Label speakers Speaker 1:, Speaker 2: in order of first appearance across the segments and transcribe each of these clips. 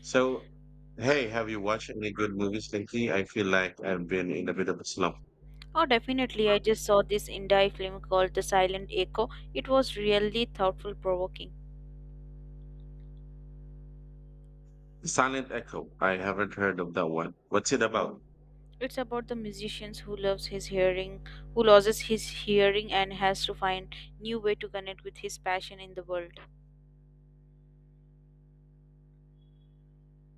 Speaker 1: So, hey, have you watched any good movies lately? I feel like I've been in a bit of a slump.
Speaker 2: Oh, definitely. I just saw this Indie film called The Silent Echo. It was really thoughtful provoking.
Speaker 1: Silent Echo. I haven't heard of that one. What's it about?
Speaker 2: It's about the musician who loves his hearing, who loses his hearing and has to find new way to connect with his passion in the world.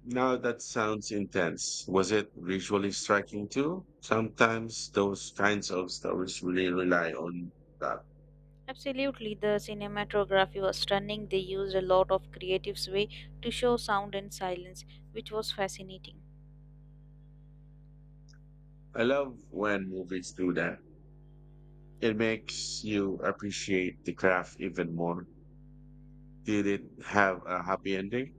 Speaker 1: Now that sounds intense. Was it visually striking too? Sometimes those kinds of stories really rely on that.
Speaker 2: Absolutely, the cinematography was stunning. They used a lot of creative way to show sound and silence, which was fascinating.
Speaker 1: I love when movies do that. It makes you appreciate the craft even more. Did it have a happy ending?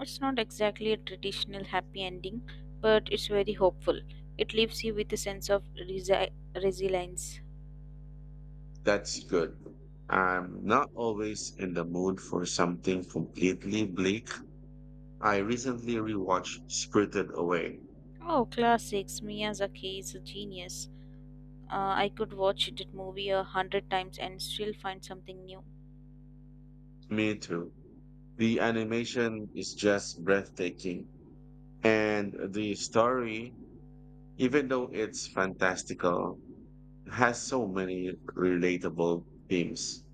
Speaker 2: It's not exactly a traditional happy ending, but it's very hopeful. It leaves you with a sense of resilience.
Speaker 1: That's good. I'm not always in the mood for something completely bleak. I recently rewatched Spirited Away.
Speaker 2: Oh, classics. Miyazaki is a genius. I could watch that movie a hundred times and still find something new.
Speaker 1: Me too. The animation is just breathtaking. And the story, even though it's fantastical, has so many relatable themes.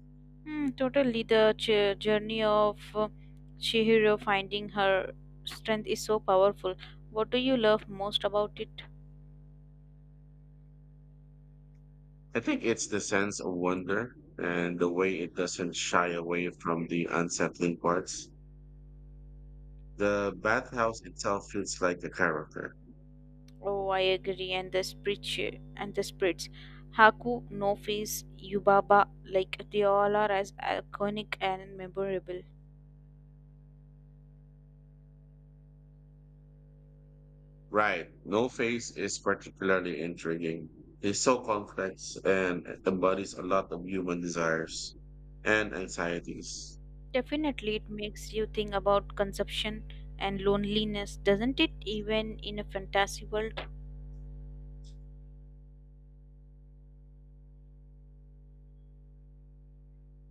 Speaker 2: Hmm, totally. The journey of Chihiro finding her strength is so powerful. What do you love most about it?
Speaker 1: I think it's the sense of wonder and the way it doesn't shy away from the unsettling parts. The bathhouse itself feels like a character.
Speaker 2: Oh, I agree. And the spirits, Haku, No Face, Yubaba, like they all are as iconic and memorable.
Speaker 1: Right. No face is particularly intriguing. He's so complex and embodies a lot of human desires and anxieties.
Speaker 2: Definitely, it makes you think about consumption and loneliness, doesn't it? Even in a fantasy world.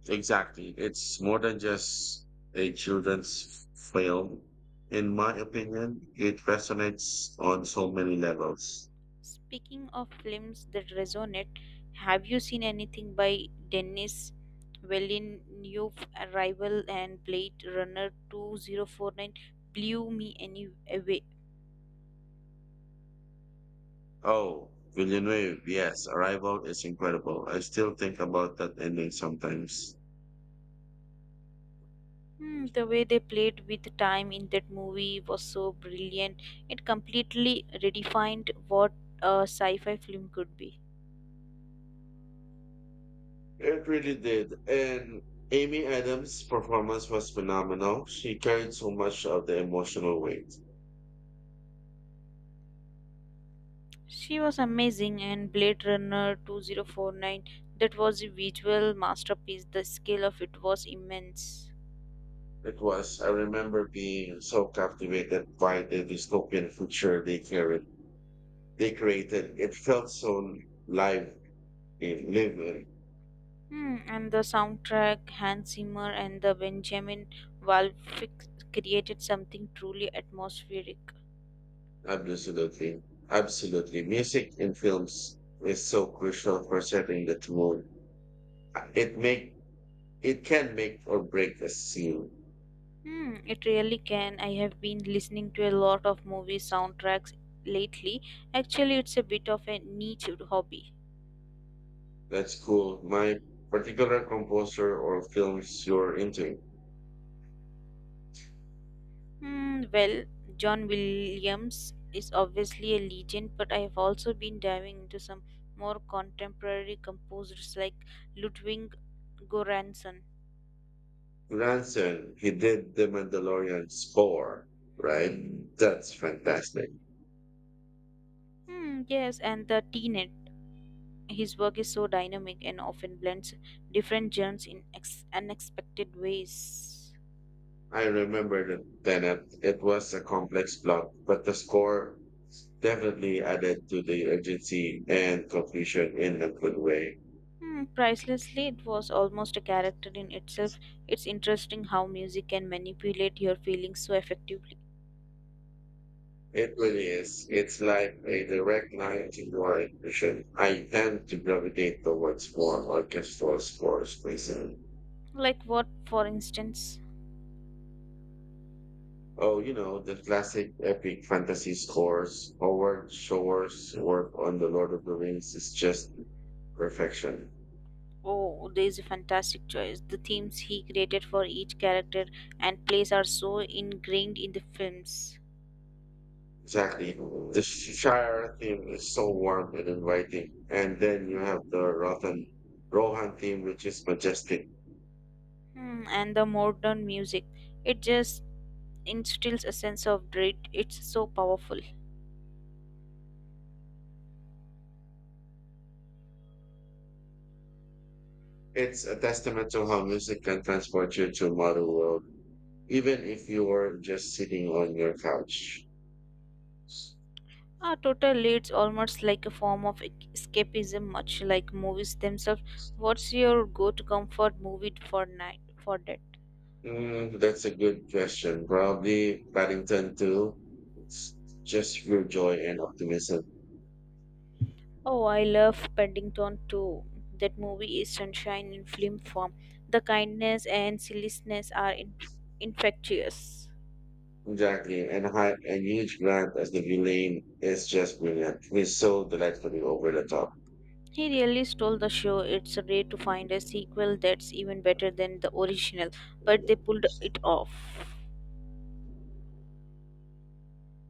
Speaker 1: Exactly. It's more than just a children's film. In my opinion, it resonates on so many levels.
Speaker 2: Speaking of films that resonate, have you seen anything by Denis Villeneuve, Arrival and Blade Runner 2049? Blew me any away.
Speaker 1: Oh, Villeneuve, yes, Arrival is incredible. I still think about that ending sometimes.
Speaker 2: Hmm, the way they played with time in that movie was so brilliant. It completely redefined what a sci fi film could be.
Speaker 1: It really did. And Amy Adams' performance was phenomenal. She carried so much of the emotional weight.
Speaker 2: She was amazing and Blade Runner 2049, that was a visual masterpiece. The scale of it was immense.
Speaker 1: It was, I remember being so captivated by the dystopian future They created. It felt so live in living.
Speaker 2: Hmm, and the soundtrack, Hans Zimmer and the Benjamin Valfix created something truly atmospheric.
Speaker 1: Absolutely. Absolutely. Music in films is so crucial for setting the mood. It make it can make or break a scene.
Speaker 2: Hmm, it really can. I have been listening to a lot of movie soundtracks lately. Actually, it's a bit of a niche hobby.
Speaker 1: That's cool. My particular composer or films you're into.
Speaker 2: Hmm, well, John Williams is obviously a legend, but I have also been diving into some more contemporary composers like Ludwig Göransson.
Speaker 1: Branson, he did the Mandalorian score, right? Mm. That's fantastic.
Speaker 2: Hmm, yes, and the Tenet. His work is so dynamic and often blends different genres in unexpected ways.
Speaker 1: I remember the Tenet. It was a complex plot, but the score definitely added to the urgency and conclusion in a good way.
Speaker 2: Hmm, pricelessly, it was almost a character in itself. It's interesting how music can manipulate your feelings so effectively.
Speaker 1: It really is. It's like a direct line to your intuition. I tend to gravitate towards more orchestral scores myself.
Speaker 2: Like what, for instance?
Speaker 1: Oh, you know, the classic epic fantasy scores. Howard Shore's work on The Lord of the Rings is just perfection.
Speaker 2: Oh, there is a fantastic choice. The themes he created for each character and place are so ingrained in the films.
Speaker 1: Exactly. The Shire theme is so warm and inviting. And then you have the Rohan theme, which is majestic.
Speaker 2: Hmm, and the modern music, it just instills a sense of dread. It's so powerful.
Speaker 1: It's a testament to how music can transport you to a modern world, even if you are just sitting on your couch.
Speaker 2: Ah, totally, it's almost like a form of escapism, much like movies themselves. What's your go-to comfort movie for night for that?
Speaker 1: Mm, that's a good question. Probably Paddington too. It's just pure joy and optimism.
Speaker 2: Oh, I love Paddington too. That movie is sunshine in film form. The kindness and silliness are infectious.
Speaker 1: Exactly. And high and huge Grant as the villain is just brilliant. He's so delightfully over the top.
Speaker 2: He really stole the show. It's rare to find a sequel that's even better than the original, but they pulled it off.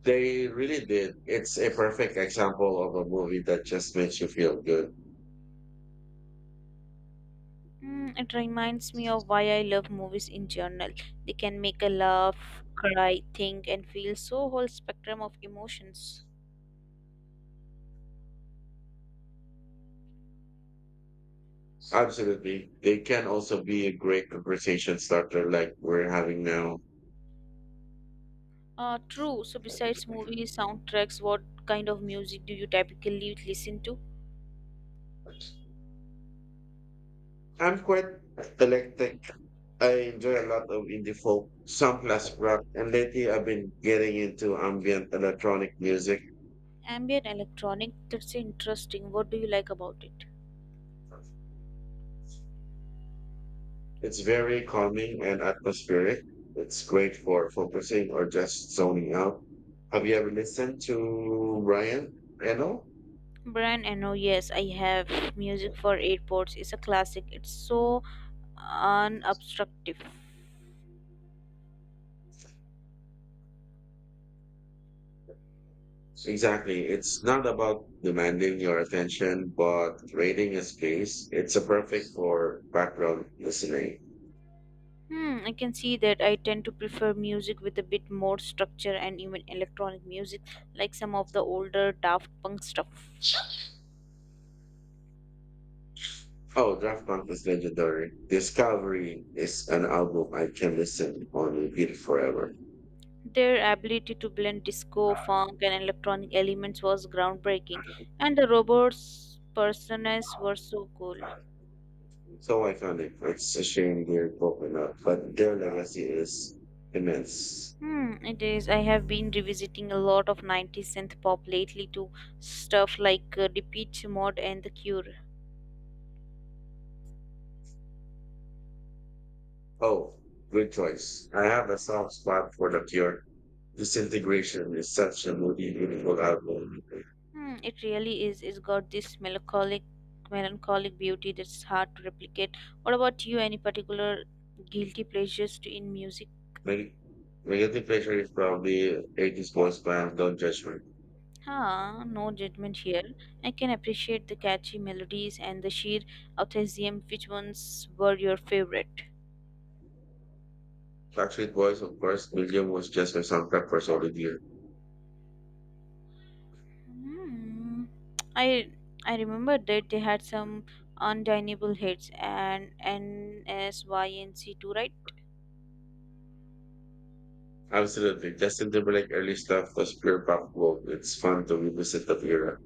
Speaker 1: They really did. It's a perfect example of a movie that just makes you feel good.
Speaker 2: Mm, it reminds me of why I love movies in general. They can make a laugh, cry, think, and feel so whole spectrum of emotions.
Speaker 1: Absolutely. They can also be a great conversation starter like we're having now.
Speaker 2: True. So, besides movies, soundtracks, what kind of music do you typically listen to?
Speaker 1: I'm quite eclectic. I enjoy a lot of indie folk, some classic rock, and lately I've been getting into ambient electronic music.
Speaker 2: Ambient electronic. That's interesting. What do you like about it?
Speaker 1: It's very calming and atmospheric. It's great for focusing or just zoning out. Have you ever listened to Brian Eno?
Speaker 2: Brian Eno, yes, I have music for airports. It's a classic. It's so unobstructive.
Speaker 1: Exactly. It's not about demanding your attention, but creating a space. It's a perfect for background listening.
Speaker 2: Hmm, I can see that I tend to prefer music with a bit more structure and even electronic music, like some of the older Daft Punk stuff.
Speaker 1: Oh, Daft Punk is legendary. Discovery is an album I can listen on repeat forever.
Speaker 2: Their ability to blend disco, funk, and electronic elements was groundbreaking, and the robots' personas were so cool.
Speaker 1: So iconic. It's a shame they're broken up, but their legacy is immense.
Speaker 2: Hmm, it is. I have been revisiting a lot of 90s synth pop lately to stuff like Depeche Mode and The Cure.
Speaker 1: Oh, good choice. I have a soft spot for The Cure. Disintegration is such a moody, beautiful album.
Speaker 2: Hmm, it really is. It's got this melancholic beauty that's hard to replicate. What about you? Any particular guilty pleasures to in music?
Speaker 1: Neg- Negative Pressure is probably 80s boys band, Don't Judge Me.
Speaker 2: Huh, no judgment here. I can appreciate the catchy melodies and the sheer enthusiasm. Which ones were your favorite?
Speaker 1: Backstreet Boys, of course, William was just a soundtrack for Solid Year.
Speaker 2: Hmm. I I remember that they had some undeniable hits and nsync too, right?
Speaker 1: Absolutely. Justin Timberlake early stuff was pure pop gold. It's fun to revisit that era.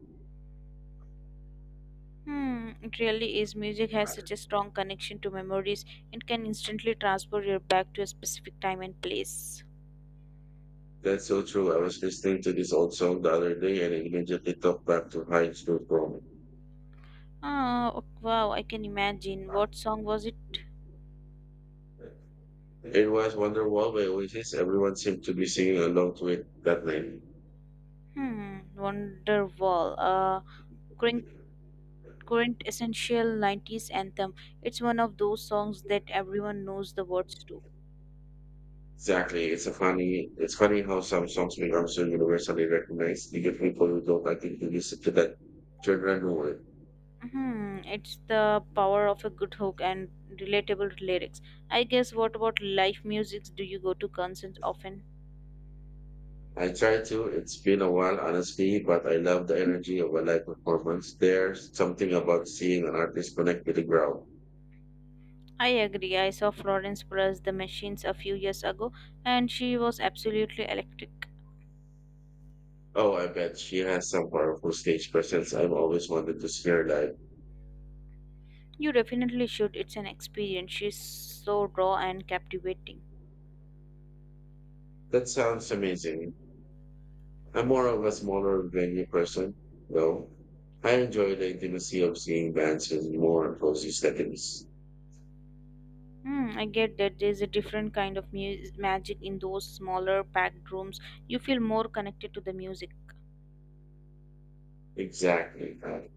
Speaker 2: Hmm, it really is. Music has such a strong connection to memories. It can instantly transport you back to a specific time and place.
Speaker 1: That's so true. I was listening to this old song the other day and it immediately took back to high school prom.
Speaker 2: Ah, oh, wow, I can imagine. What song was it?
Speaker 1: It was Wonderwall by Oasis. Everyone seemed to be singing along to it that night.
Speaker 2: Hmm, Wonderwall. Current essential 90s anthem. It's one of those songs that everyone knows the words to.
Speaker 1: Exactly. It's a funny. It's funny how some songs become so universally recognized. You get people who don't like it to listen to that genre.
Speaker 2: Hmm, it's the power of a good hook and relatable lyrics. I guess what about live musics? Do you go to concerts often?
Speaker 1: I try to. It's been a while, honestly, but I love the energy of a live performance. There's something about seeing an artist connect with the crowd.
Speaker 2: I agree. I saw Florence Plus the Machines a few years ago and she was absolutely electric.
Speaker 1: Oh, I bet she has some powerful stage presence. I've always wanted to see her live.
Speaker 2: You definitely should. It's an experience. She's so raw and captivating.
Speaker 1: That sounds amazing. I'm more of a smaller venue person, though. I enjoy the intimacy of seeing bands with more cozy settings.
Speaker 2: Hmm, I get that there's a different kind of magic in those smaller packed rooms. You feel more connected to the music.
Speaker 1: Exactly. I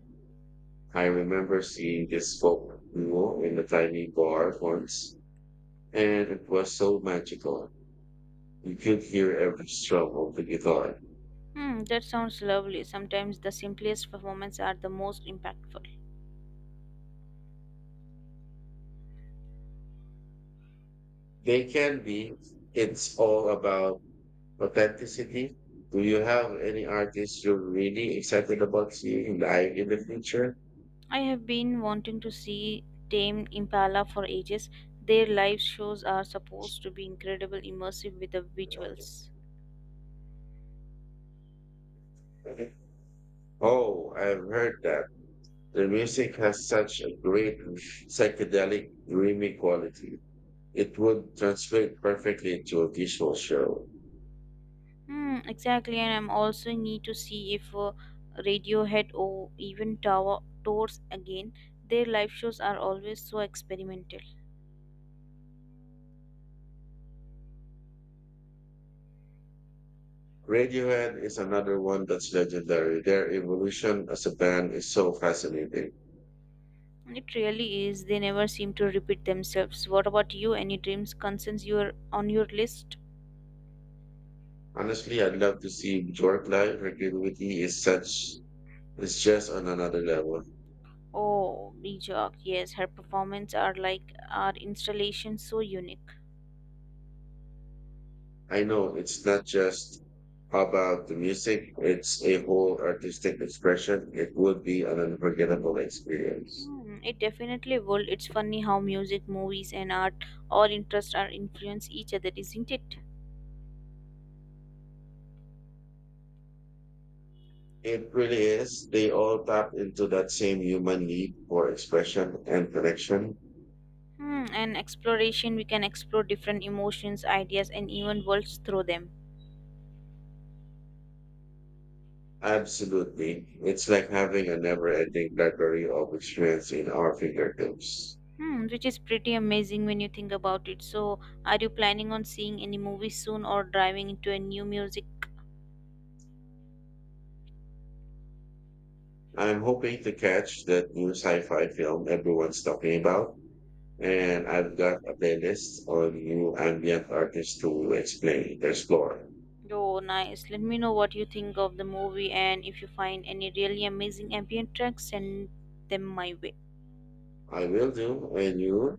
Speaker 1: I remember seeing this folk duo in a tiny bar once, and it was so magical. You could hear every stroke of the guitar.
Speaker 2: Hmm, that sounds lovely. Sometimes the simplest performances are the most impactful.
Speaker 1: They can be. It's all about authenticity. Do you have any artists you're really excited about seeing live in the future?
Speaker 2: I have been wanting to see Tame Impala for ages. Their live shows are supposed to be incredible immersive with the visuals.
Speaker 1: Oh, I've heard that. The music has such a great psychedelic, dreamy quality. It would translate perfectly into a visual show.
Speaker 2: Hmm, exactly, and I'm also need to see if Radiohead or even Tower tours again. Their live shows are always so experimental.
Speaker 1: Radiohead is another one that's legendary. Their evolution as a band is so fascinating.
Speaker 2: It really is. They never seem to repeat themselves. What about you? Any dreams concerns you're on your list?
Speaker 1: Honestly, I'd love to see Bjork live. Her creativity is such is just on another level.
Speaker 2: Oh, Bijak, yes, her performance are like our installation so unique.
Speaker 1: I know it's not just about the music; it's a whole artistic expression. It would be an unforgettable experience.
Speaker 2: Hmm, it definitely will. It's funny how music, movies, and art all interests are influence each other, isn't it?
Speaker 1: It really is. They all tap into that same human need for expression and connection.
Speaker 2: Hmm, and exploration, we can explore different emotions, ideas, and even worlds through them.
Speaker 1: Absolutely, it's like having a never-ending library of experience in our fingertips.
Speaker 2: Hmm, which is pretty amazing when you think about it. So, are you planning on seeing any movies soon or driving into a new music?
Speaker 1: I'm hoping to catch that new sci-fi film everyone's talking about, and I've got a playlist on new ambient artists to explore.
Speaker 2: Oh, nice. Let me know what you think of the movie and if you find any really amazing ambient tracks, send them my way.
Speaker 1: I will do. And you,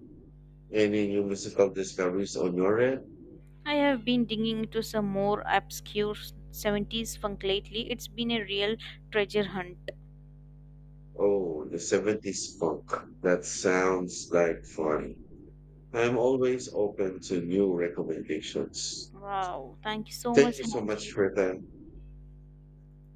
Speaker 1: any new musical discoveries on your end?
Speaker 2: I have been digging into some more obscure 70s funk lately. It's been a real treasure hunt.
Speaker 1: Oh, the 70s punk. That sounds like fun. I'm always open to new recommendations.
Speaker 2: Wow. Thank you so
Speaker 1: Thank
Speaker 2: much,
Speaker 1: you so much for
Speaker 2: Hanji.
Speaker 1: that.